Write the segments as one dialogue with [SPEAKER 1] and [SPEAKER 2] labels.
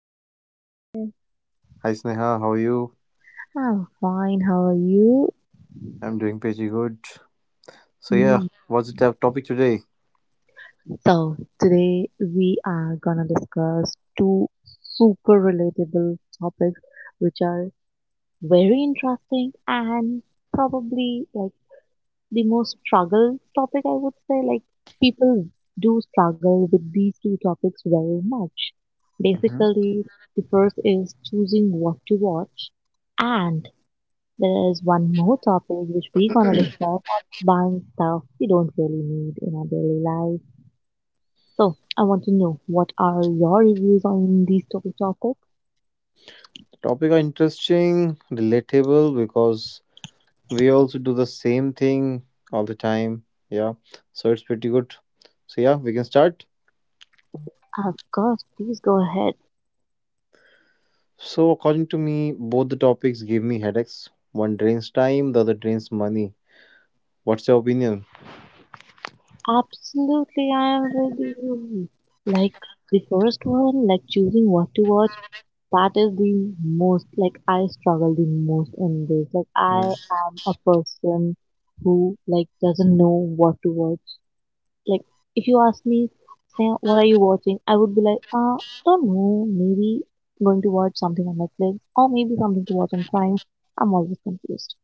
[SPEAKER 1] Welcome, Uday.
[SPEAKER 2] Hi Sneha, how are you?
[SPEAKER 1] I'm fine. How are you?
[SPEAKER 2] I'm doing pretty good. So yeah,
[SPEAKER 1] Mm.
[SPEAKER 2] what's the topic today?
[SPEAKER 1] So today we are gonna discuss two super relatable topics, which are very interesting and probably like the most struggle topic, I would say. Like, people do struggle with these two topics very much.
[SPEAKER 2] Mhm.
[SPEAKER 1] Basically, the first is choosing what to watch, and there is one more topic which we're gonna discuss buying stuff we don't really need in our daily life. So, I want to know what are your reviews on these two topics?
[SPEAKER 2] Topic are interesting, relatable because we also do the same thing all the time. Yeah, so it's pretty good. So yeah, we can start.
[SPEAKER 1] Of course, please go ahead.
[SPEAKER 2] So according to me, both the topics give me headaches. One drains time, the other drains money. What's your opinion?
[SPEAKER 1] Absolutely, I am with you. Like the first one, like choosing what to watch, that is the most like I struggle the most in this. Like
[SPEAKER 2] Mm-hmm.
[SPEAKER 1] I am a person who like doesn't know what to watch. Like if you ask me, say what are you watching, I would be like, don't know, maybe going to watch something on Netflix or maybe something to watch on Prime. I'm always confused.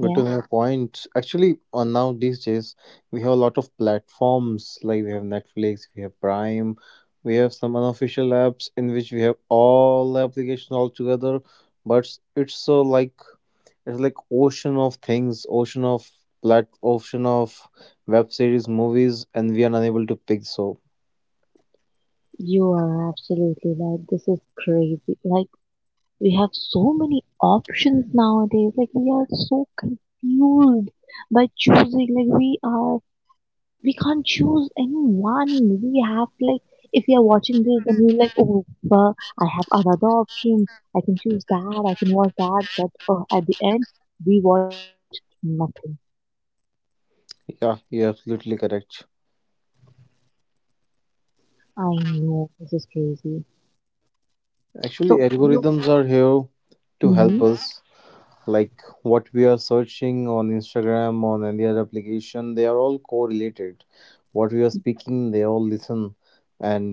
[SPEAKER 2] Good
[SPEAKER 1] Yeah,
[SPEAKER 2] to know your point. Actually, on now these days, we have a lot of platforms. Like we have Netflix, we have Prime, we have some unofficial apps in which we have all the applications all together. But it's so like it's like ocean of things, ocean of ocean of web series, movies, and we are unable to pick. So
[SPEAKER 1] you are absolutely right. This is crazy. Like we have so many options nowadays. Like we are so confused by choosing. Like we can't choose any one. We have like if we are watching this, then we're like, oh, well, I have another option. I can choose that. I can watch that. But at the end, we watch nothing.
[SPEAKER 2] yeah, you're absolutely correct.
[SPEAKER 1] I know this is crazy.
[SPEAKER 2] Actually,
[SPEAKER 1] So you.
[SPEAKER 2] algorithms are here to help
[SPEAKER 1] Hmm.
[SPEAKER 2] us. Like what we are searching on Instagram, on any other application, they are all correlated. What we are speaking, they all listen, and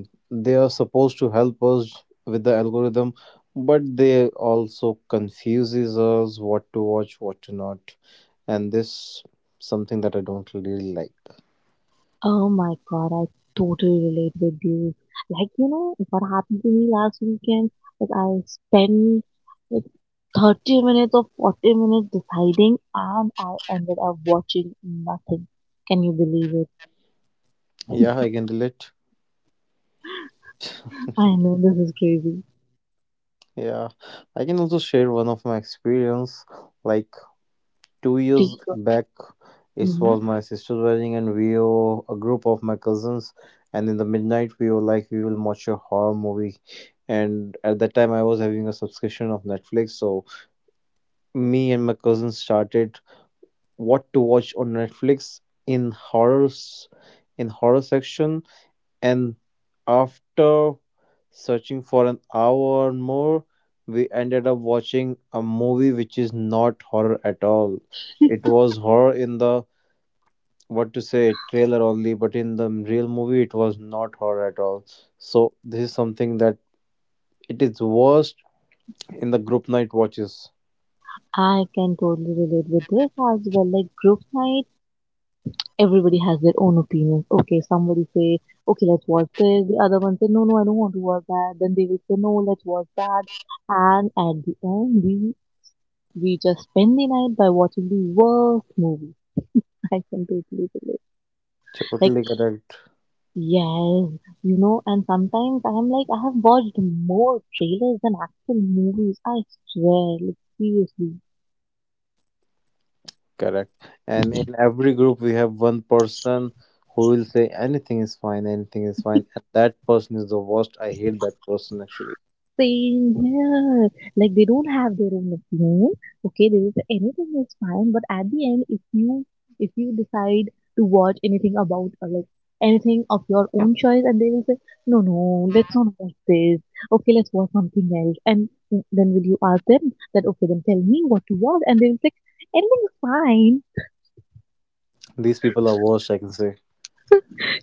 [SPEAKER 2] they are supposed to help us with the algorithm, but they also confuses us what to watch, what to not. And this something that I don't really like.
[SPEAKER 1] Oh my god, I totally relate with you. Like you know what happened to me last weekend? Like I spent like 30 minutes or 40 minutes deciding, and I ended up watching nothing. Can you believe it?
[SPEAKER 2] Yeah, I can relate.
[SPEAKER 1] I know this is crazy.
[SPEAKER 2] Yeah, I can also share one of my experience. Like 2 years
[SPEAKER 1] Please go.
[SPEAKER 2] back, it
[SPEAKER 1] Hmm.
[SPEAKER 2] was my sister's wedding and we were a group of my cousins, and in the midnight we were like, we will watch a horror movie. And at that time I was having a subscription of Netflix, so me and my cousins started what to watch on Netflix, in horrors, in horror section. And after searching for an hour or more, we ended up watching a movie which is not horror at all. It was horror in the what to say trailer only, but in the real movie it was not horror at all. So this is something that it is worst in the group night watches.
[SPEAKER 1] I can totally relate with this as well. Like group night, everybody has their own opinions. Okay, somebody say, okay, let's watch this. The other one say, no, no, I don't want to watch that. Then they will say, no, let's watch that. And at the end, we just spend the night by watching the worst movie. I can totally relate. Like
[SPEAKER 2] Totally correct.
[SPEAKER 1] yes, you know. And sometimes I am like, I have watched more trailers than actual movies. I swear, like seriously.
[SPEAKER 2] Correct. And in every group we have one person who will say anything is fine, anything is fine, and that person is the worst. I hate that person actually.
[SPEAKER 1] Same here. Like they don't have their own opinion. Okay, there is anything is fine, but at the end, if you decide to watch anything about like anything of your own choice, and they will say, no, no, let's not watch this. Okay, let's watch something else. And then will you ask them that? Okay, then tell me what to watch, and they will say, anything is fine.
[SPEAKER 2] These people are worst, I can say.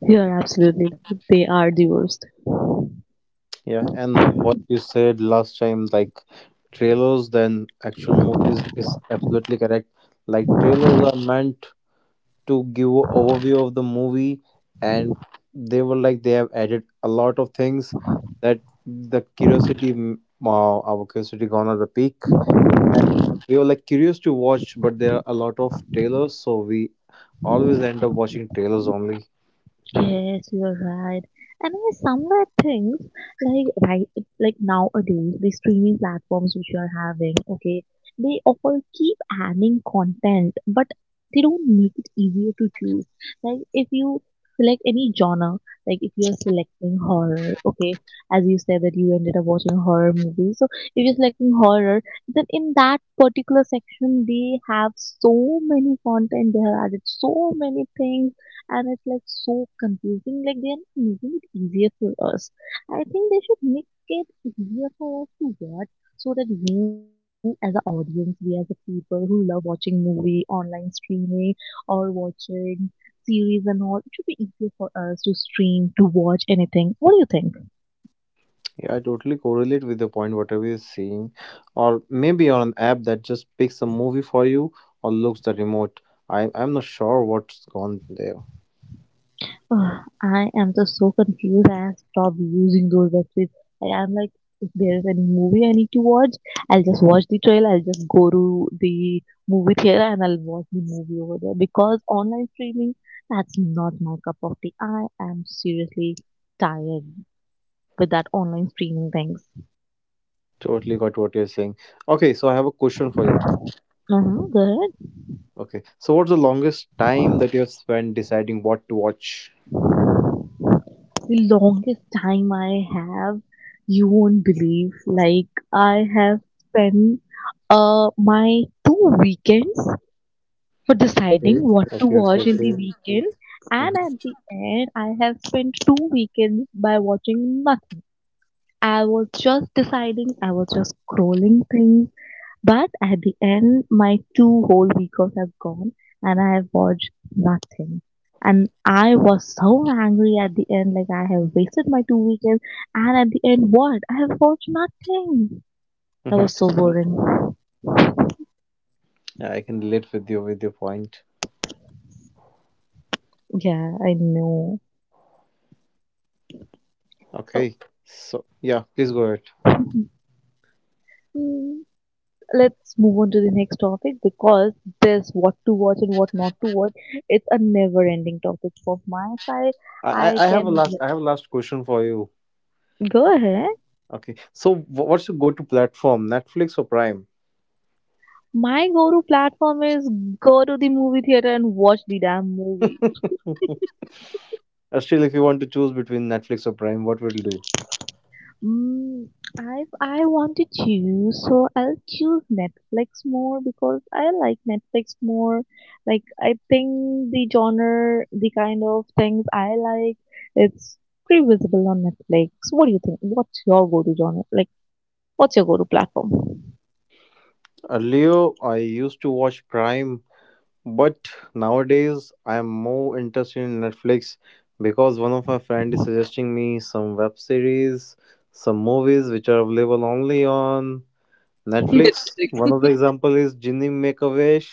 [SPEAKER 1] You're absolutely right. They are the worst.
[SPEAKER 2] Yeah, and what you said last time, like trailers than actual movies is absolutely correct. Like trailers are meant to give a overview of the movie, and they were like they have added a lot of things that the curiosity our curiosity gone at the peak, and we were like curious to watch, but there are a lot of trailers, so we always end up watching trailers only.
[SPEAKER 1] Yes, you're right. And I somewhere think like right like nowadays the streaming platforms which you are having, okay, they all keep adding content, but they don't make it easier to choose. Like if you select any genre, like if you're selecting horror, okay, as you said that you ended up watching horror movies. So if you're selecting horror, then in that particular section they have so many content, they have added so many things and it's like so confusing. Like they're not making it easier for us. I think they should make it easier for us to watch so that we as an audience, we as a people who love watching movie, online streaming or watching series and all, it should be easier for us to stream, to watch anything. What do you think?
[SPEAKER 2] Yeah, I totally correlate with the point whatever you're seeing, or maybe on an app that just picks a movie for you, or looks the remote. I'm not sure what's gone there.
[SPEAKER 1] Ugh, I am just so confused. I have stopped using those websites. Like, I'm like, if there is any movie I need to watch, I'll just watch the trailer. I'll just go to the movie theater and I'll watch the movie over there. Because online streaming, that's not my cup of tea. I am seriously tired with that online streaming things.
[SPEAKER 2] Totally got what you're saying. Okay, so I have a question for you.
[SPEAKER 1] Uh-huh, go.
[SPEAKER 2] Okay. So what's the longest time that you have spent deciding what to watch?
[SPEAKER 1] The longest time I have, you won't believe. Like, I have spent my two weekends for
[SPEAKER 2] Okay.
[SPEAKER 1] deciding what to
[SPEAKER 2] Okay. Okay.
[SPEAKER 1] watch in
[SPEAKER 2] Okay.
[SPEAKER 1] the weekend. And at
[SPEAKER 2] Mm-hmm.
[SPEAKER 1] the end, I have spent two weekends by watching nothing. I was just deciding, I was just scrolling things. But at the end, my two whole weekends have gone and I have watched nothing. And I was so angry at the end, like I have wasted my two weekends. And at the end, what? I have watched nothing. That
[SPEAKER 2] Mm-hmm.
[SPEAKER 1] was so boring.
[SPEAKER 2] Yeah, I can relate with you with your point.
[SPEAKER 1] Yeah, I know. So,
[SPEAKER 2] Okay. So yeah, please go ahead.
[SPEAKER 1] mm, let's move on to the next topic because this what to watch and what not to watch it's a never ending topic from my side.
[SPEAKER 2] I
[SPEAKER 1] I
[SPEAKER 2] I, I have a
[SPEAKER 1] can
[SPEAKER 2] last question for you.
[SPEAKER 1] go ahead.
[SPEAKER 2] Okay. So what's your go-to platform? Netflix or Prime?
[SPEAKER 1] My go to platform is go to the movie theater and watch the damn movie.
[SPEAKER 2] Still, if you want to choose between Netflix or Prime, what would you do?
[SPEAKER 1] Mm, I want to choose, so I'll choose Netflix more because I like Netflix more. Like I think the genre, the kind of things I like, it's pretty visible on Netflix. What do you think? What's your go-to genre? Like, what's your go-to platform?
[SPEAKER 2] Earlier, I used to watch Prime, but nowadays, I am more interested in Netflix because one of my friend is suggesting me some web series, some movies which are available only on Netflix. One of
[SPEAKER 1] Netflix.
[SPEAKER 2] the example is Jinny Make a Wish,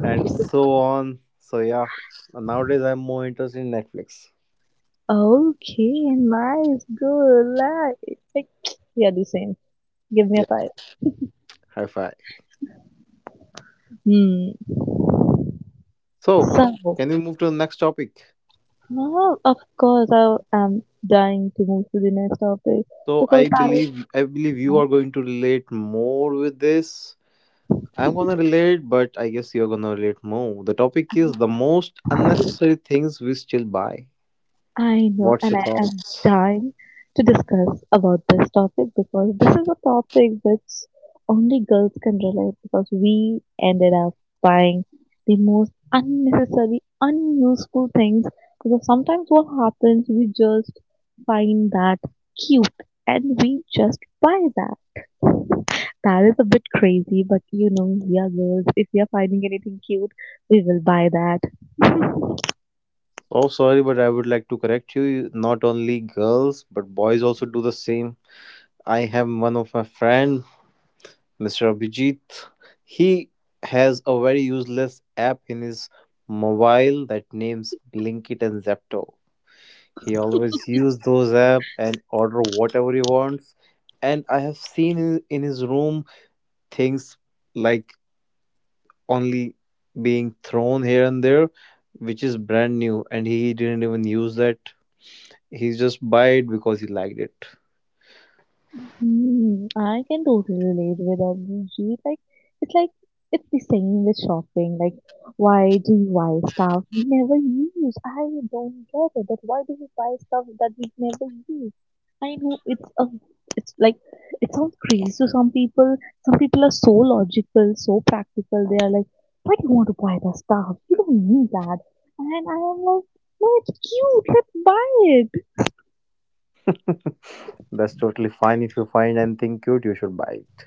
[SPEAKER 2] and so on. So yeah, nowadays I'm more interested in Netflix.
[SPEAKER 1] Okay, nice, good, like, we are the same. Give me a
[SPEAKER 2] Yeah,
[SPEAKER 1] five.
[SPEAKER 2] high five.
[SPEAKER 1] Hmm.
[SPEAKER 2] So,
[SPEAKER 1] So.
[SPEAKER 2] can we move to the next topic?
[SPEAKER 1] No, of course, I am dying to move to the next topic
[SPEAKER 2] So
[SPEAKER 1] because
[SPEAKER 2] I
[SPEAKER 1] that is.
[SPEAKER 2] believe I believe you are going to relate more with this. I'm gonna relate, but I guess you're gonna relate more. The topic is the most unnecessary things we still buy.
[SPEAKER 1] I know,
[SPEAKER 2] What's
[SPEAKER 1] and
[SPEAKER 2] your
[SPEAKER 1] I am
[SPEAKER 2] thoughts?
[SPEAKER 1] dying to discuss about this topic because this is a topic which only girls can relate because we ended up buying the most unnecessary, unuseful things because sometimes what happens, we just find that cute and we just buy that. That is a bit crazy, but you know, we are girls. If we are finding anything cute, we will buy that.
[SPEAKER 2] Oh, sorry, but I would like to correct you. Not only girls, but boys also do the same. I have one of my friend, Mr. Abhijit. He has a very useless app in his mobile that names Blinkit and Zepto. He always use those app and order whatever he wants. And I have seen in his room things like only being thrown here and there, which is brand new, and he didn't even use that. He just buy it because he liked it.
[SPEAKER 1] I can totally relate with Abhijit. Like, it's the same with shopping. Like, why do you buy stuff we never use? I don't get it. That why do we buy stuff that we never use? I know it's like, it sounds crazy to some people. Some people are so logical, so practical. They are like, why do you want to buy that stuff? You don't need that. And I am like, no, it's cute. Let's buy it.
[SPEAKER 2] That's totally fine. If you find anything cute, you should buy it,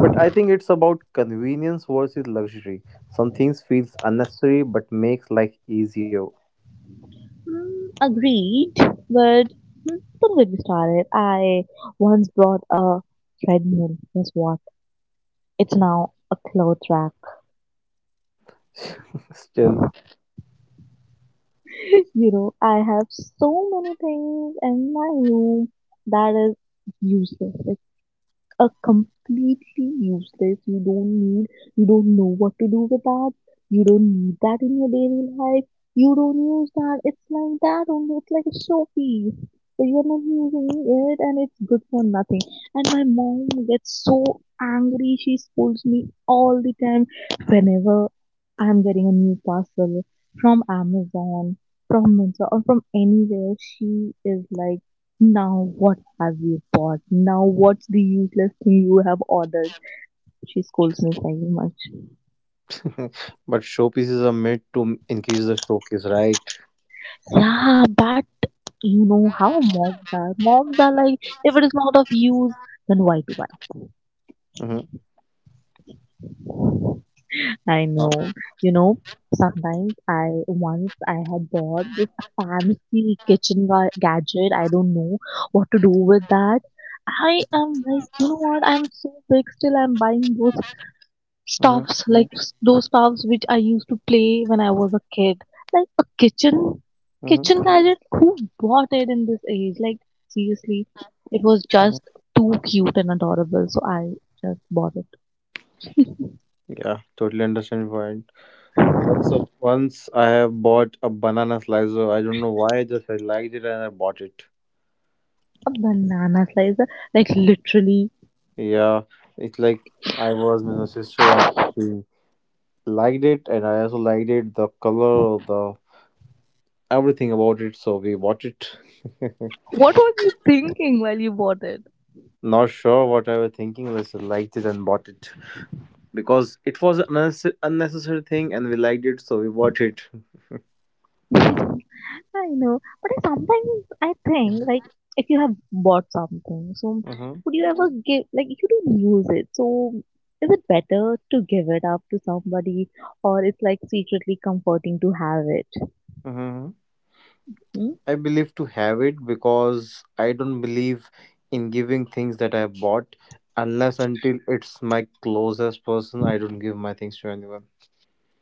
[SPEAKER 2] but I think it's about convenience versus luxury. Some things feels unnecessary but makes life easier.
[SPEAKER 1] Agreed, but don't get me started. I once bought a treadmill. Guess what? It's now a clothes rack.
[SPEAKER 2] Still.
[SPEAKER 1] You know, I have so many things in my room that is useless. A completely useless. You don't need. You don't know what to do with that. You don't need that in your daily life. You don't use that. It's like that only. It's like a showpiece, so you're not using it, and it's good for nothing. And my mom gets so angry. She scolds me all the time whenever I'm getting a new parcel from Amazon, from Myntra, or from anywhere. She is like, now what have you bought? Now what's the useless thing you have ordered? She scolds me very much.
[SPEAKER 2] But showpieces are made to increase the showcase, right?
[SPEAKER 1] Yeah, but you know how moms are. Moms are like, if it is not of use, then why to buy?
[SPEAKER 2] Mm-hmm.
[SPEAKER 1] I
[SPEAKER 2] Uh,
[SPEAKER 1] know. You know, sometimes once I had bought this fancy kitchen gadget. I don't know what to do with that. I am like, you know what? I'm so big still. I'm buying those
[SPEAKER 2] Mm-hmm.
[SPEAKER 1] stuffs like those stuffs which I used to play when I was a kid, like a kitchen
[SPEAKER 2] Mm-hmm.
[SPEAKER 1] kitchen gadget. Who bought it in this age? Like seriously, it was just too cute and adorable, so I just bought it.
[SPEAKER 2] Yeah, totally understand your point. Once, once I have bought a banana slicer. I don't know why. I just I liked it and I bought it.
[SPEAKER 1] A banana slicer, like literally.
[SPEAKER 2] Yeah, it's like I was with my sister and she liked it, and I also liked it. The color, the everything about it. So we bought it.
[SPEAKER 1] What was you thinking while you bought it?
[SPEAKER 2] Not sure what I was thinking. But I just liked it and bought it because it was an unnecessary thing, and we liked it, so we bought it.
[SPEAKER 1] I know, but I sometimes I think like if you have bought something, so
[SPEAKER 2] Mm-hmm.
[SPEAKER 1] would you ever give like you don't use it, so is it better to give it up to somebody or it's like secretly comforting to have it?
[SPEAKER 2] Mm-hmm.
[SPEAKER 1] Hmm?
[SPEAKER 2] I believe to have it because I don't believe in giving things that I bought unless until it's my closest person. I don't give my things to anyone.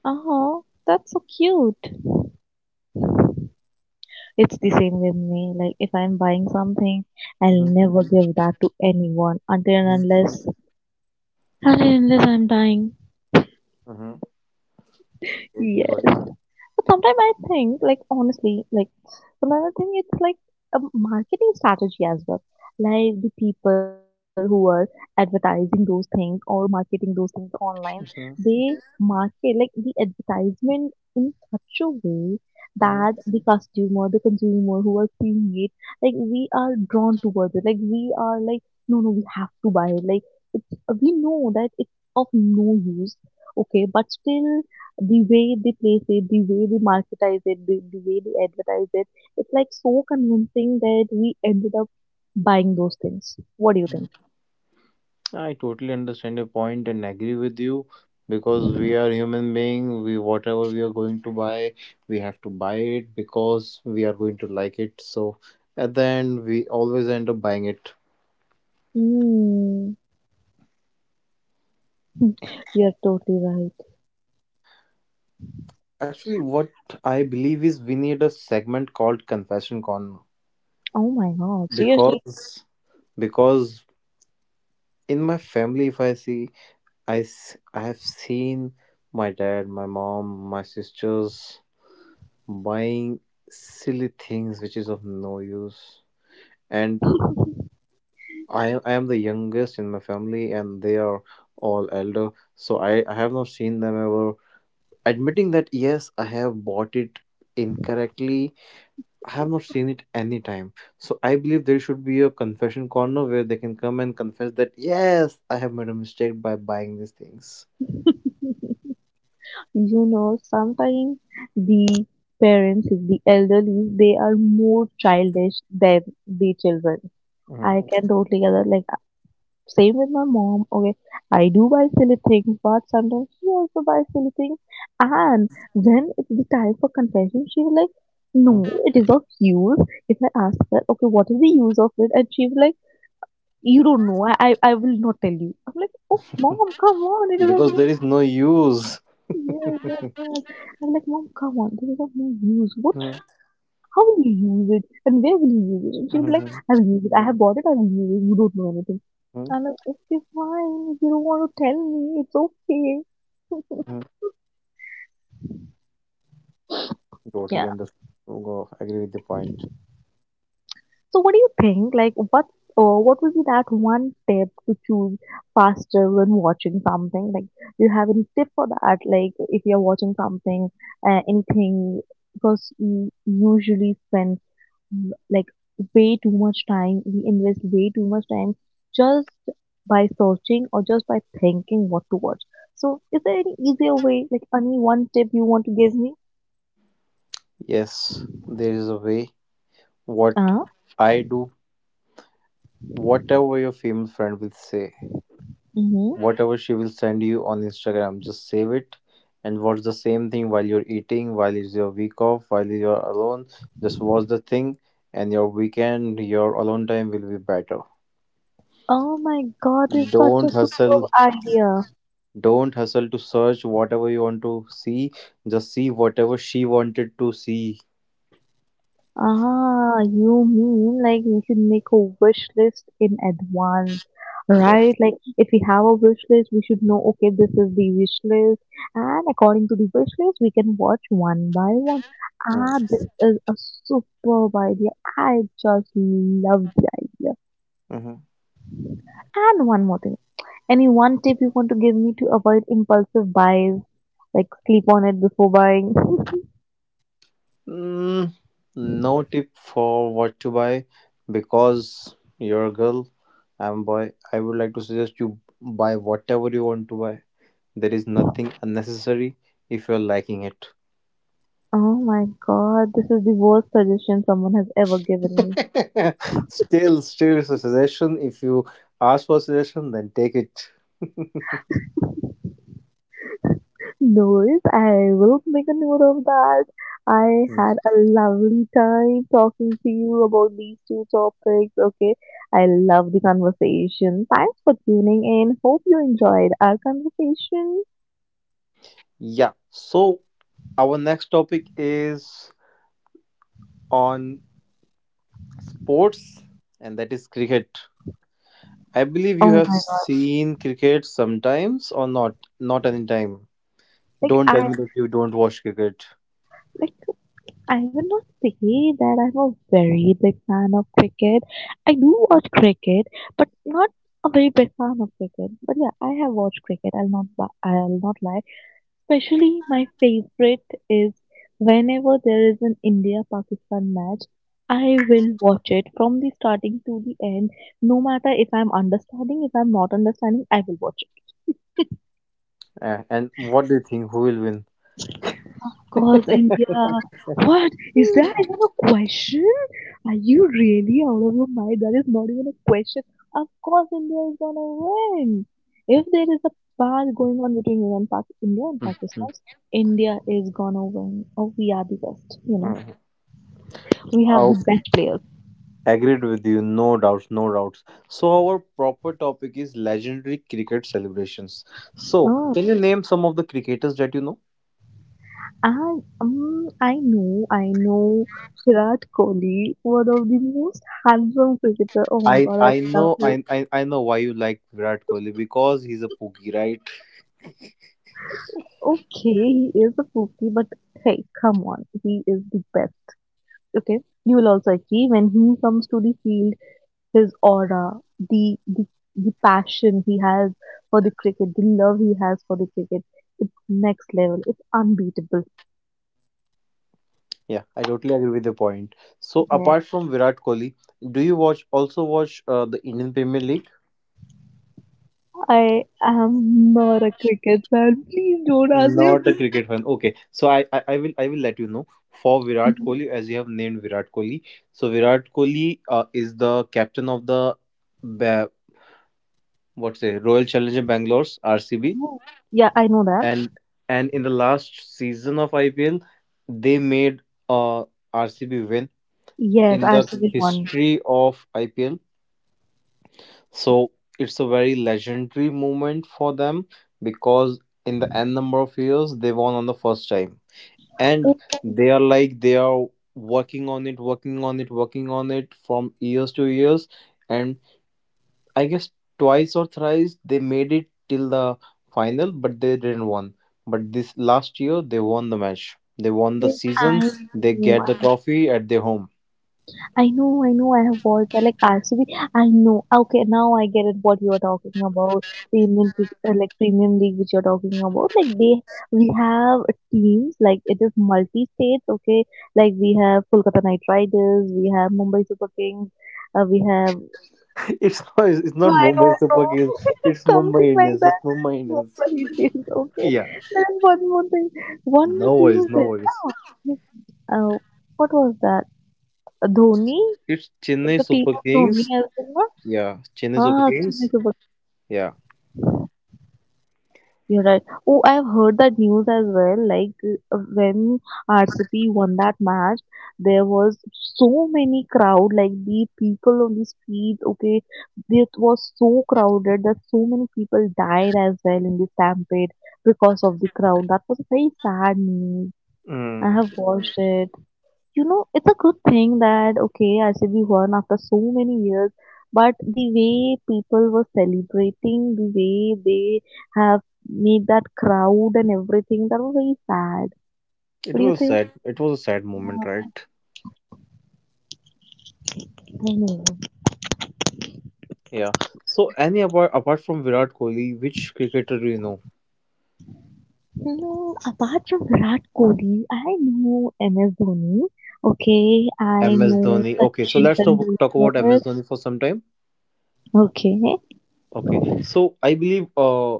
[SPEAKER 1] Uh-huh. That's so cute. It's the same with me. Like if I'm buying something, I'll
[SPEAKER 2] Mm-hmm.
[SPEAKER 1] never give that to anyone until
[SPEAKER 2] Mm-hmm.
[SPEAKER 1] and unless until and unless I'm dying.
[SPEAKER 2] Mm-hmm. Totally
[SPEAKER 1] Yes.
[SPEAKER 2] got.
[SPEAKER 1] But sometimes I think, like honestly, like sometimes I think it's like a marketing strategy as well. Like the people who are advertising those things or marketing those things online, they
[SPEAKER 2] Mm-hmm.
[SPEAKER 1] market like the advertisement in such a way that the customer, the consumer who are seeing it, like we are drawn towards it. Like we are like, no, no, we have to buy it. Like it's we know that it's of no use, okay, but still the way they place it, the way they marketize it, the way they advertise it, it's like so convincing that we ended up buying those things. What do you think?
[SPEAKER 2] I totally understand your point and agree with you because we are human being. We whatever we are going to buy, we have to buy it because we are going to like it. So at the end, we always end up buying it.
[SPEAKER 1] Mm, you're totally right.
[SPEAKER 2] Actually, what I believe is we need a segment called Confession Corner
[SPEAKER 1] Oh my god, seriously.
[SPEAKER 2] because because in my family, if I see, I s- I have seen my dad, my mom, my sisters buying silly things which is of no use, and
[SPEAKER 1] you
[SPEAKER 2] I I am the youngest in my family, and they are all elder, so I have not seen them ever admitting that yes, I have bought it incorrectly. I have not seen it any time. So I believe there should be a confession corner where they can come and confess that yes, I have made a mistake by buying these things.
[SPEAKER 1] sometimes the parents, the elderly, they are more childish than the children.
[SPEAKER 2] Mhm.
[SPEAKER 1] I can totally get that. Like, same with my mom. Okay, I do buy silly things, but sometimes she also buys silly things. And when it's the time for confession, she's like, "No,
[SPEAKER 2] Mhm.
[SPEAKER 1] it is of use." If I ask her, "Okay, what is the use of it?" And she's like, "You don't know. I will not tell you." I'm like, "Oh, mom, come on! It is of
[SPEAKER 2] Because
[SPEAKER 1] no
[SPEAKER 2] there
[SPEAKER 1] use."
[SPEAKER 2] is no use.
[SPEAKER 1] Yes, that's all. I'm like, "Mom, come on! This is of no use. What?
[SPEAKER 2] Mhm.
[SPEAKER 1] How will you use it? And where will you use it?" And she will be like,
[SPEAKER 2] Mhm.
[SPEAKER 1] "I will use it. I have bought it. I will use it. You don't know anything."
[SPEAKER 2] Mhm.
[SPEAKER 1] I'm like, okay, fine, if you don't want to tell me. It's okay.
[SPEAKER 2] Mhm. Totally
[SPEAKER 1] Yeah.
[SPEAKER 2] understand. Oh, God, I agree with the point.
[SPEAKER 1] So, what do you think? Like, what would be that one tip to choose faster when watching something? Like, do you have any tip for that? Like, if you're watching something, anything, because we usually spend like way too much time. We invest way too much time just by searching or just by thinking what to watch. So, is there any easier way? Like, any one tip you want to give me?
[SPEAKER 2] Yes, there is a way. What I do, whatever your female friend will say,
[SPEAKER 1] Mm-hmm.
[SPEAKER 2] whatever she will send you on Instagram, just save it and watch the same thing while you're eating, while it's your week off, while you're alone. Just watch the thing, and your weekend, your alone time will be better.
[SPEAKER 1] Oh my God, it's such
[SPEAKER 2] Don't
[SPEAKER 1] a superb
[SPEAKER 2] hustle.
[SPEAKER 1] idea.
[SPEAKER 2] Don't hustle to search whatever you want to see. Just see whatever she wanted to see.
[SPEAKER 1] Ah, you mean like we should make a wish list in advance,
[SPEAKER 2] Yeah.
[SPEAKER 1] right? Like if we have a wish list, we should know, okay, this is the wish list, and according to the wish list, we can watch one by one.
[SPEAKER 2] Mm.
[SPEAKER 1] Ah, this is a superb idea. I just love the idea.
[SPEAKER 2] Mm-hmm.
[SPEAKER 1] And one more thing. Any one tip you want to give me to avoid impulsive buys, like sleep on it before buying?
[SPEAKER 2] Mm, no tip for what to buy because you're a girl, I'm boy. I would like to suggest you buy whatever you want to buy. There is nothing unnecessary if you're liking it.
[SPEAKER 1] Oh my God, this is the worst suggestion someone has ever given me.
[SPEAKER 2] Still, still it's a suggestion. If you ask for a suggestion, then take it.
[SPEAKER 1] Noise, I will make a note of that. I
[SPEAKER 2] Mm.
[SPEAKER 1] had a lovely time talking to you about these two topics, okay? I love the conversation. Thanks for tuning in. Hope you enjoyed our conversation.
[SPEAKER 2] Yeah. So our next topic is on sports, and that is cricket. I believe you
[SPEAKER 1] Oh
[SPEAKER 2] have
[SPEAKER 1] my God.
[SPEAKER 2] seen cricket sometimes or not, not anytime.
[SPEAKER 1] Like
[SPEAKER 2] Don't tell
[SPEAKER 1] I
[SPEAKER 2] me that you don't watch cricket.
[SPEAKER 1] like I will not say that I'm a very big fan of cricket. I do watch cricket, but not a very big fan of cricket. But yeah, I have watched cricket. I'll not. I'll not lie. Especially my favorite is whenever there is an India-Pakistan match. I will watch it from the starting to the end, no matter if I'm understanding, if I'm not understanding, I will watch it.
[SPEAKER 2] And what do you think? Who will win?
[SPEAKER 1] Cause India, what is that even a question? Are you really out of your mind? That is not even a question. Of course, India is gonna win. If there is a battle going on between India and, India and
[SPEAKER 2] Mhm.
[SPEAKER 1] Pakistan, India is gonna win. Oh, we are the best. You know,
[SPEAKER 2] Uh,
[SPEAKER 1] we have the best players.
[SPEAKER 2] I agreed with you, no doubts, no doubts. So our proper topic is legendary cricket celebrations. So
[SPEAKER 1] Oh,
[SPEAKER 2] can you name some of the cricketers that you know?
[SPEAKER 1] and I know, Virat Kohli, one of the most handsome cricketer. Oh my
[SPEAKER 2] I
[SPEAKER 1] God, I
[SPEAKER 2] I
[SPEAKER 1] love
[SPEAKER 2] know
[SPEAKER 1] him.
[SPEAKER 2] I I know why you like Virat Kohli because he's a pookie, right?
[SPEAKER 1] Okay, he is a fluky, but hey, come on, he is the best. Okay, you will also agree when he comes to the field, his aura, the the passion he has for the cricket, the love he has for the cricket, it's next level. It's unbeatable.
[SPEAKER 2] Yeah, I totally agree with the point. So
[SPEAKER 1] Yeah,
[SPEAKER 2] apart from Virat Kohli, do you watch also watch the Indian Premier League?
[SPEAKER 1] I am not a cricket fan. Please don't ask me
[SPEAKER 2] Not a cricket fan. Okay, so I will I will let you know for
[SPEAKER 1] this.
[SPEAKER 2] Virat Kohli as you have named Virat Kohli. So Virat Kohli is the captain of the Ba- what's it Royal Challenger Bangalore's RCB.
[SPEAKER 1] Yeah, I know that.
[SPEAKER 2] And in the last season of IPL, they made uh RCB win
[SPEAKER 1] Yes,
[SPEAKER 2] in the
[SPEAKER 1] RCB won.
[SPEAKER 2] history of IPL. So it's a very legendary moment for them because in the n number of years, they won on the first time. And
[SPEAKER 1] Oh,
[SPEAKER 2] they are like they are working on it, working on it, working on it from years to years. And I guess twice or thrice they made it till the final, but they didn't won. But this last year they won the match. They won the
[SPEAKER 1] yes,
[SPEAKER 2] season. They get
[SPEAKER 1] know,
[SPEAKER 2] the trophy at their home.
[SPEAKER 1] I know, I have watched that. Like RCB, I know. Okay, now I get it. What you are talking about the like Premium League, which you are talking about. Like they, we have teams. Like it is multi states. Okay, like we have Kolkata Knight Riders, we have Mumbai Super Kings, we have
[SPEAKER 2] It's not. It's
[SPEAKER 1] no,
[SPEAKER 2] not
[SPEAKER 1] I
[SPEAKER 2] Mumbai
[SPEAKER 1] don't know,
[SPEAKER 2] Super Kings. It's
[SPEAKER 1] something
[SPEAKER 2] Mumbai
[SPEAKER 1] like
[SPEAKER 2] Indians. It's
[SPEAKER 1] that.
[SPEAKER 2] Mumbai Indians.
[SPEAKER 1] Mumbai Indians. Okay,
[SPEAKER 2] Yeah.
[SPEAKER 1] then one more thing. One more
[SPEAKER 2] No
[SPEAKER 1] team
[SPEAKER 2] worries,
[SPEAKER 1] is
[SPEAKER 2] no
[SPEAKER 1] there
[SPEAKER 2] worries.
[SPEAKER 1] now. Uh, what was that?
[SPEAKER 2] It's,
[SPEAKER 1] Dhoni.
[SPEAKER 2] it's
[SPEAKER 1] It's
[SPEAKER 2] Chennai
[SPEAKER 1] a team
[SPEAKER 2] Super
[SPEAKER 1] of Dhoni
[SPEAKER 2] Kings.
[SPEAKER 1] as well.
[SPEAKER 2] Yeah,
[SPEAKER 1] Ah,
[SPEAKER 2] Chennai Super
[SPEAKER 1] Chennai Super.
[SPEAKER 2] Kings. Yeah.
[SPEAKER 1] You're right. Oh, I have heard that news as well. Like when RCP won that match, there was so many crowd. Like the people on the streets. Okay, it was so crowded that so many people died as well in the stampede because of the crowd. That was very sad news. I
[SPEAKER 2] Mm.
[SPEAKER 1] have watched it. You know, it's a good thing that okay, RCB won after so many years, but the way people were celebrating, the way they have made that crowd and everything, that was very sad.
[SPEAKER 2] It
[SPEAKER 1] What do you
[SPEAKER 2] was a
[SPEAKER 1] think?
[SPEAKER 2] sad. It was a sad moment, right?
[SPEAKER 1] I know.
[SPEAKER 2] Yeah. So, any apart from Virat Kohli, which cricketer do you know?
[SPEAKER 1] No, apart from Virat Kohli, I know MS Dhoni. Okay, I
[SPEAKER 2] MS
[SPEAKER 1] know
[SPEAKER 2] Dhoni. Okay, so
[SPEAKER 1] Sachin
[SPEAKER 2] let's talk about
[SPEAKER 1] Tendulkar.
[SPEAKER 2] MS Dhoni for some time.
[SPEAKER 1] Okay,
[SPEAKER 2] Okay, so I believe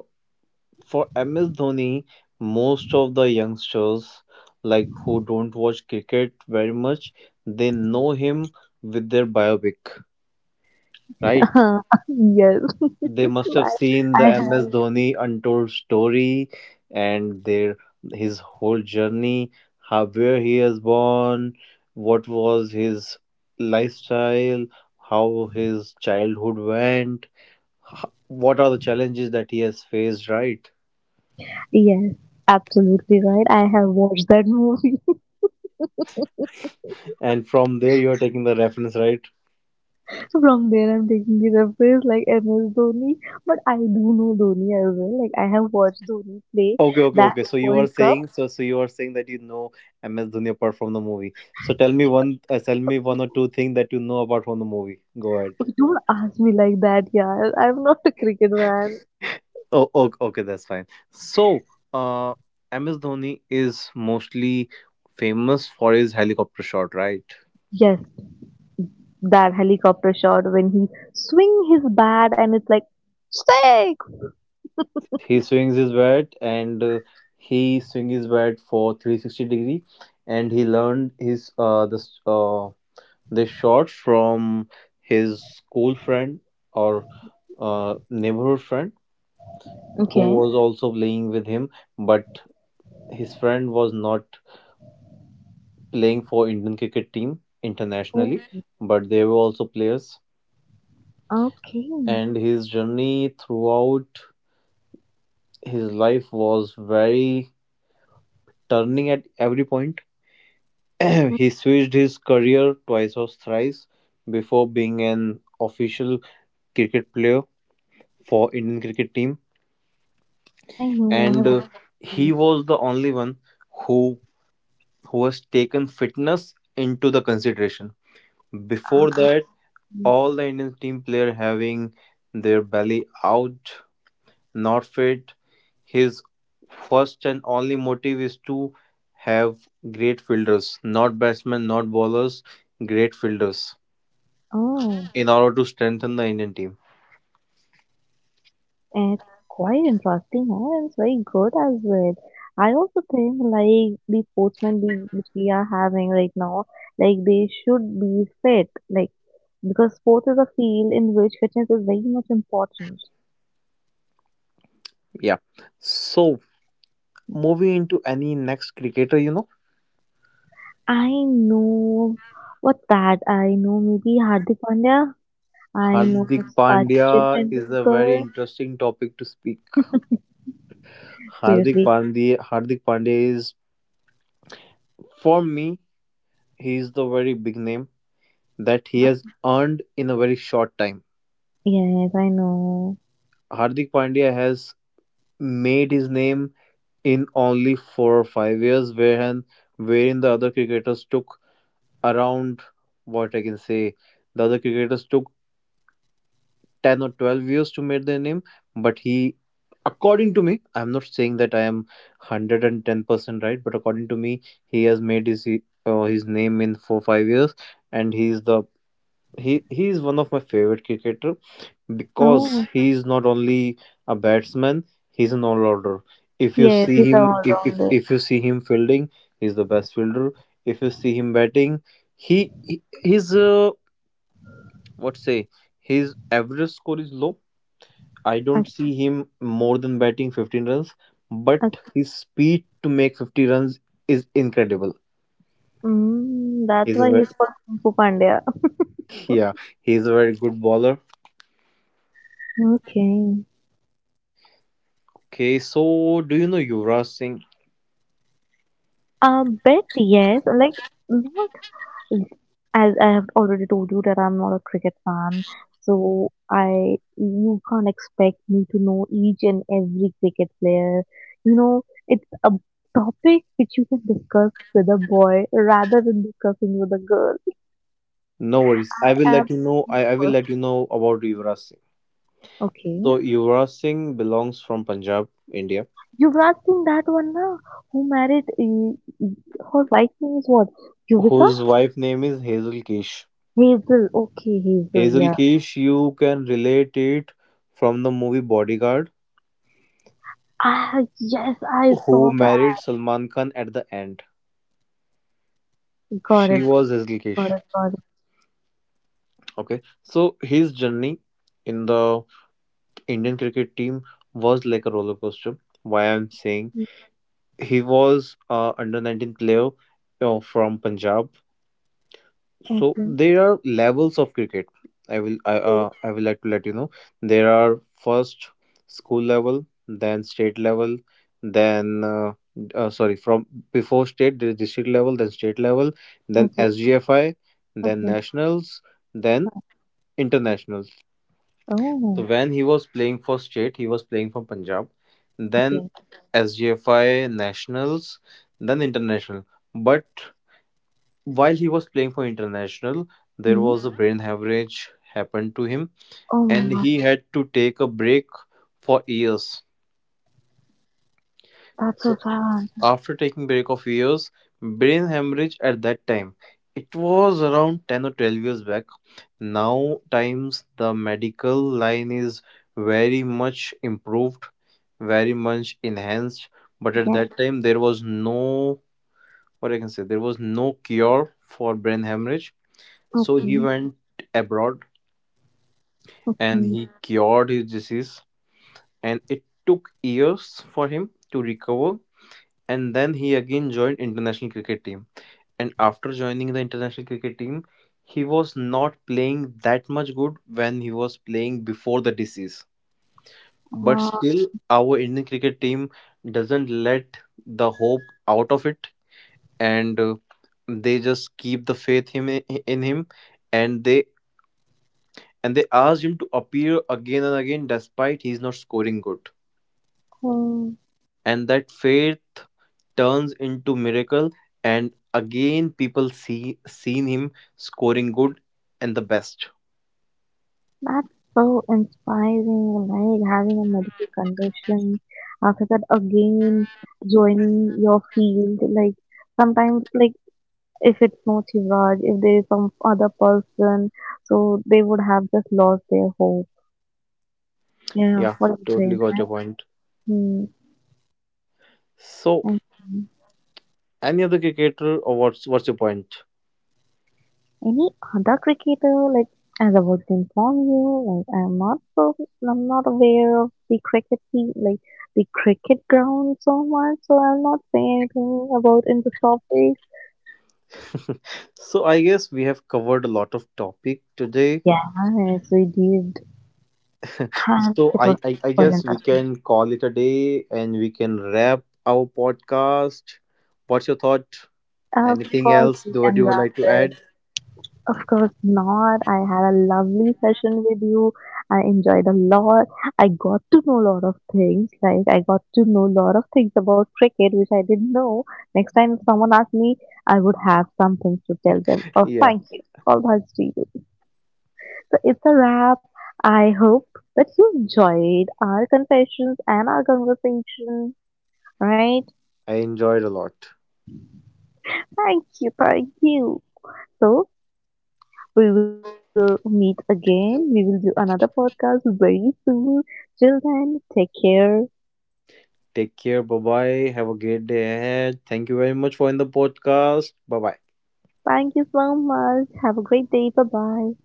[SPEAKER 2] for MS Dhoni, most of the youngsters like who don't watch cricket very much, they know him with their biopic, right?
[SPEAKER 1] yes,
[SPEAKER 2] They must have
[SPEAKER 1] I,
[SPEAKER 2] seen the
[SPEAKER 1] I
[SPEAKER 2] MS
[SPEAKER 1] have.
[SPEAKER 2] Dhoni untold story and their his whole journey, how where he was born, what was his lifestyle, how his childhood went, what are the challenges that he has faced, right?
[SPEAKER 1] Yes, absolutely right. I have watched that movie.
[SPEAKER 2] And from there you are taking the reference, right?
[SPEAKER 1] From there, I'm taking the reference like MS Dhoni, but I do know Dhoni as well. Like I have watched Dhoni play
[SPEAKER 2] Okay, okay,
[SPEAKER 1] that
[SPEAKER 2] okay. So you are
[SPEAKER 1] World Cup.
[SPEAKER 2] saying so you are saying that you know MS Dhoni apart from the movie. So tell me one or two things that you know apart from the movie. Go ahead.
[SPEAKER 1] Okay, don't ask me like that, yeah. I'm not a cricket fan.
[SPEAKER 2] Oh, okay, okay, that's fine. So, uh, MS Dhoni is mostly famous for his helicopter shot, right?
[SPEAKER 1] Yes, that helicopter shot when he swing his bat and it's like six.
[SPEAKER 2] He swings his bat and he swings his bat for 360 degree, and he learned his this this shot from his school friend or neighborhood friend who
[SPEAKER 1] Okay.
[SPEAKER 2] was also playing with him, but his friend was not playing for Indian cricket team
[SPEAKER 1] Oh,
[SPEAKER 2] internationally, but they were also players.
[SPEAKER 1] okay.
[SPEAKER 2] And his journey throughout his life was very turning at every point. He switched his career twice or thrice before being an official cricket player for Indian cricket team,
[SPEAKER 1] I know. I
[SPEAKER 2] and
[SPEAKER 1] have watched
[SPEAKER 2] he was the only one who who has taken fitness into the consideration. Before that
[SPEAKER 1] it.
[SPEAKER 2] all the Indian team player having their belly out. Not Northfate, his first and only motive is to have great fielders, not batsmen, not bowlers, great fielders
[SPEAKER 1] Oh.
[SPEAKER 2] in order to strengthen the Indian team.
[SPEAKER 1] It's quite interesting and it's very good as well. I also think like the sportsmen league which we are having right now, like they should be fit, like because sports is a field in which fitness is very much important.
[SPEAKER 2] Yeah. So moving into any next cricketer, you know,
[SPEAKER 1] I know, what's that? I know maybe Hardik Pandya. I know
[SPEAKER 2] Hardik
[SPEAKER 1] Sachin
[SPEAKER 2] Pandya is a very
[SPEAKER 1] Tendulkar.
[SPEAKER 2] interesting topic to speak. Hardik
[SPEAKER 1] Seriously,
[SPEAKER 2] Pandya, Hardik Pandya is, for me, he is the very big name that he has earned in a very short time.
[SPEAKER 1] yes, I know.
[SPEAKER 2] Hardik Pandya has made his name in only 4 or 5 years, wherein the other cricketers took around, what I can say, the other cricketers took 10 or 12 years to make their name, but he, according to me, I'm not saying that I am 110% right, but according to me, he has made his name in 4 5 years, and he is one of my favorite cricketer because
[SPEAKER 1] Oh,
[SPEAKER 2] he is not only a batsman, he's an all-rounder. If you
[SPEAKER 1] yes,
[SPEAKER 2] see
[SPEAKER 1] he's all
[SPEAKER 2] him
[SPEAKER 1] rounder.
[SPEAKER 2] if you see him fielding, he's the best fielder. If you see him batting, he his what say his average score is low. I don't
[SPEAKER 1] Okay,
[SPEAKER 2] see him more than batting 15 runs, but
[SPEAKER 1] okay.
[SPEAKER 2] his speed to make 50 runs is incredible.
[SPEAKER 1] Mm, that's
[SPEAKER 2] he's a
[SPEAKER 1] why
[SPEAKER 2] very,
[SPEAKER 1] he's called Kung Fu Pandya.
[SPEAKER 2] yeah, he's a very good bowler.
[SPEAKER 1] Okay.
[SPEAKER 2] Okay, so do you know Yuvraj Singh?
[SPEAKER 1] A bit, yes. Like, not as I have already told you that I'm not a cricket fan, so I you can't expect me to know each and every cricket player. You know, it's a topic which you can discuss with a boy rather than discussing with a girl.
[SPEAKER 2] No worries. I will let
[SPEAKER 1] And
[SPEAKER 2] you know. I will
[SPEAKER 1] first,
[SPEAKER 2] let you know about Yuvraj Singh.
[SPEAKER 1] okay,
[SPEAKER 2] So Yuvraj Singh belongs from Punjab, India,
[SPEAKER 1] Yuvraj Singh, that one now who married her wife's name is what? Yuvika.
[SPEAKER 2] whose wife name is Hazel Kish.
[SPEAKER 1] Hazel. Okay, Hazel.
[SPEAKER 2] Hazel
[SPEAKER 1] Yeah.
[SPEAKER 2] Kish, you can relate it from the movie Bodyguard,
[SPEAKER 1] Ah, yes, I
[SPEAKER 2] who
[SPEAKER 1] saw
[SPEAKER 2] married
[SPEAKER 1] that.
[SPEAKER 2] Salman Khan at the end.
[SPEAKER 1] Got
[SPEAKER 2] She
[SPEAKER 1] it,
[SPEAKER 2] was
[SPEAKER 1] got it,
[SPEAKER 2] Hazel
[SPEAKER 1] got it.
[SPEAKER 2] Kish. Okay. So his journey in the Indian cricket team was like a roller coaster. Why I'm saying,
[SPEAKER 1] Mm,
[SPEAKER 2] he was under 19 player you from Punjab. So
[SPEAKER 1] okay,
[SPEAKER 2] there are levels of cricket. I I will like to let you know there are first school level, then state level, then sorry from before state there is district level, then state level, then
[SPEAKER 1] okay,
[SPEAKER 2] SGFI, then
[SPEAKER 1] okay.
[SPEAKER 2] nationals, then internationals. So
[SPEAKER 1] Oh,
[SPEAKER 2] when he was playing for state he was playing for Punjab, then
[SPEAKER 1] okay.
[SPEAKER 2] SGFI, nationals, then international. But while he was playing for International, there
[SPEAKER 1] Hmm.
[SPEAKER 2] was a brain hemorrhage happened to him
[SPEAKER 1] Oh my
[SPEAKER 2] and
[SPEAKER 1] God,
[SPEAKER 2] he had to take a break for years.
[SPEAKER 1] that's
[SPEAKER 2] So
[SPEAKER 1] so sad.
[SPEAKER 2] after taking break of years, brain hemorrhage at that time, it was around 10 or 12 years back. Now times the medical line is very much improved, very much enhanced, but at
[SPEAKER 1] Yeah,
[SPEAKER 2] that time there was no, what I can say, there was no cure for brain hemorrhage. So he
[SPEAKER 1] okay,
[SPEAKER 2] went abroad and
[SPEAKER 1] okay.
[SPEAKER 2] he cured his disease. And it took years for him to recover. And then he again joined international cricket team. And after joining the international cricket team, he was not playing that much good when he was playing before the disease. But
[SPEAKER 1] Uh,
[SPEAKER 2] still, our Indian cricket team doesn't let the hope out of it, and they just keep the faith him in him, and they and they ask him to appear again and again despite he's not scoring good.
[SPEAKER 1] hmm,
[SPEAKER 2] And that faith turns into miracle, and again people seen him scoring good and the best.
[SPEAKER 1] that's so inspiring. Like having a medical condition, after that again joining your field. Like sometimes, like if it's not Shivraj, if there is some other person, so they would have just lost their hope. Yeah,
[SPEAKER 2] Yeah,
[SPEAKER 1] what do you
[SPEAKER 2] totally
[SPEAKER 1] think,
[SPEAKER 2] got
[SPEAKER 1] right?
[SPEAKER 2] your point.
[SPEAKER 1] Hmm.
[SPEAKER 2] So
[SPEAKER 1] And
[SPEAKER 2] any other cricketer, or what's your point?
[SPEAKER 1] any other cricketer, like as I was to inform you, like I'm not aware of the cricket team, like the cricket ground so much, so I'll not say anything about in this topic.
[SPEAKER 2] So I guess we have covered a lot of topic today.
[SPEAKER 1] Yeah, yes, we did, and
[SPEAKER 2] So
[SPEAKER 1] it was
[SPEAKER 2] I
[SPEAKER 1] quite
[SPEAKER 2] guess we
[SPEAKER 1] interesting.
[SPEAKER 2] can call it a day and we can wrap our podcast. What's your thought?
[SPEAKER 1] Of
[SPEAKER 2] Anything
[SPEAKER 1] course,
[SPEAKER 2] else
[SPEAKER 1] we
[SPEAKER 2] do what
[SPEAKER 1] can
[SPEAKER 2] you would
[SPEAKER 1] wrap
[SPEAKER 2] like to
[SPEAKER 1] it.
[SPEAKER 2] add?
[SPEAKER 1] Of course not. I had a lovely session with you. I enjoyed a lot. I got to know a lot of things. Like I got to know a lot of things about cricket, which I didn't know. Next time if someone asked me, I would have some things to tell them. Oh,
[SPEAKER 2] Yeah,
[SPEAKER 1] thank you. All thanks to you. So it's a wrap. I hope that you enjoyed our confessions and our conversation, right?
[SPEAKER 2] I enjoyed a lot.
[SPEAKER 1] Thank you. Thank you. So we will meet again. We will do another podcast very soon. Till then, take care.
[SPEAKER 2] Take care. Bye bye. Have a great day ahead. Thank you very much for in the podcast. Bye bye.
[SPEAKER 1] Thank you so much. Have a great day. Bye bye.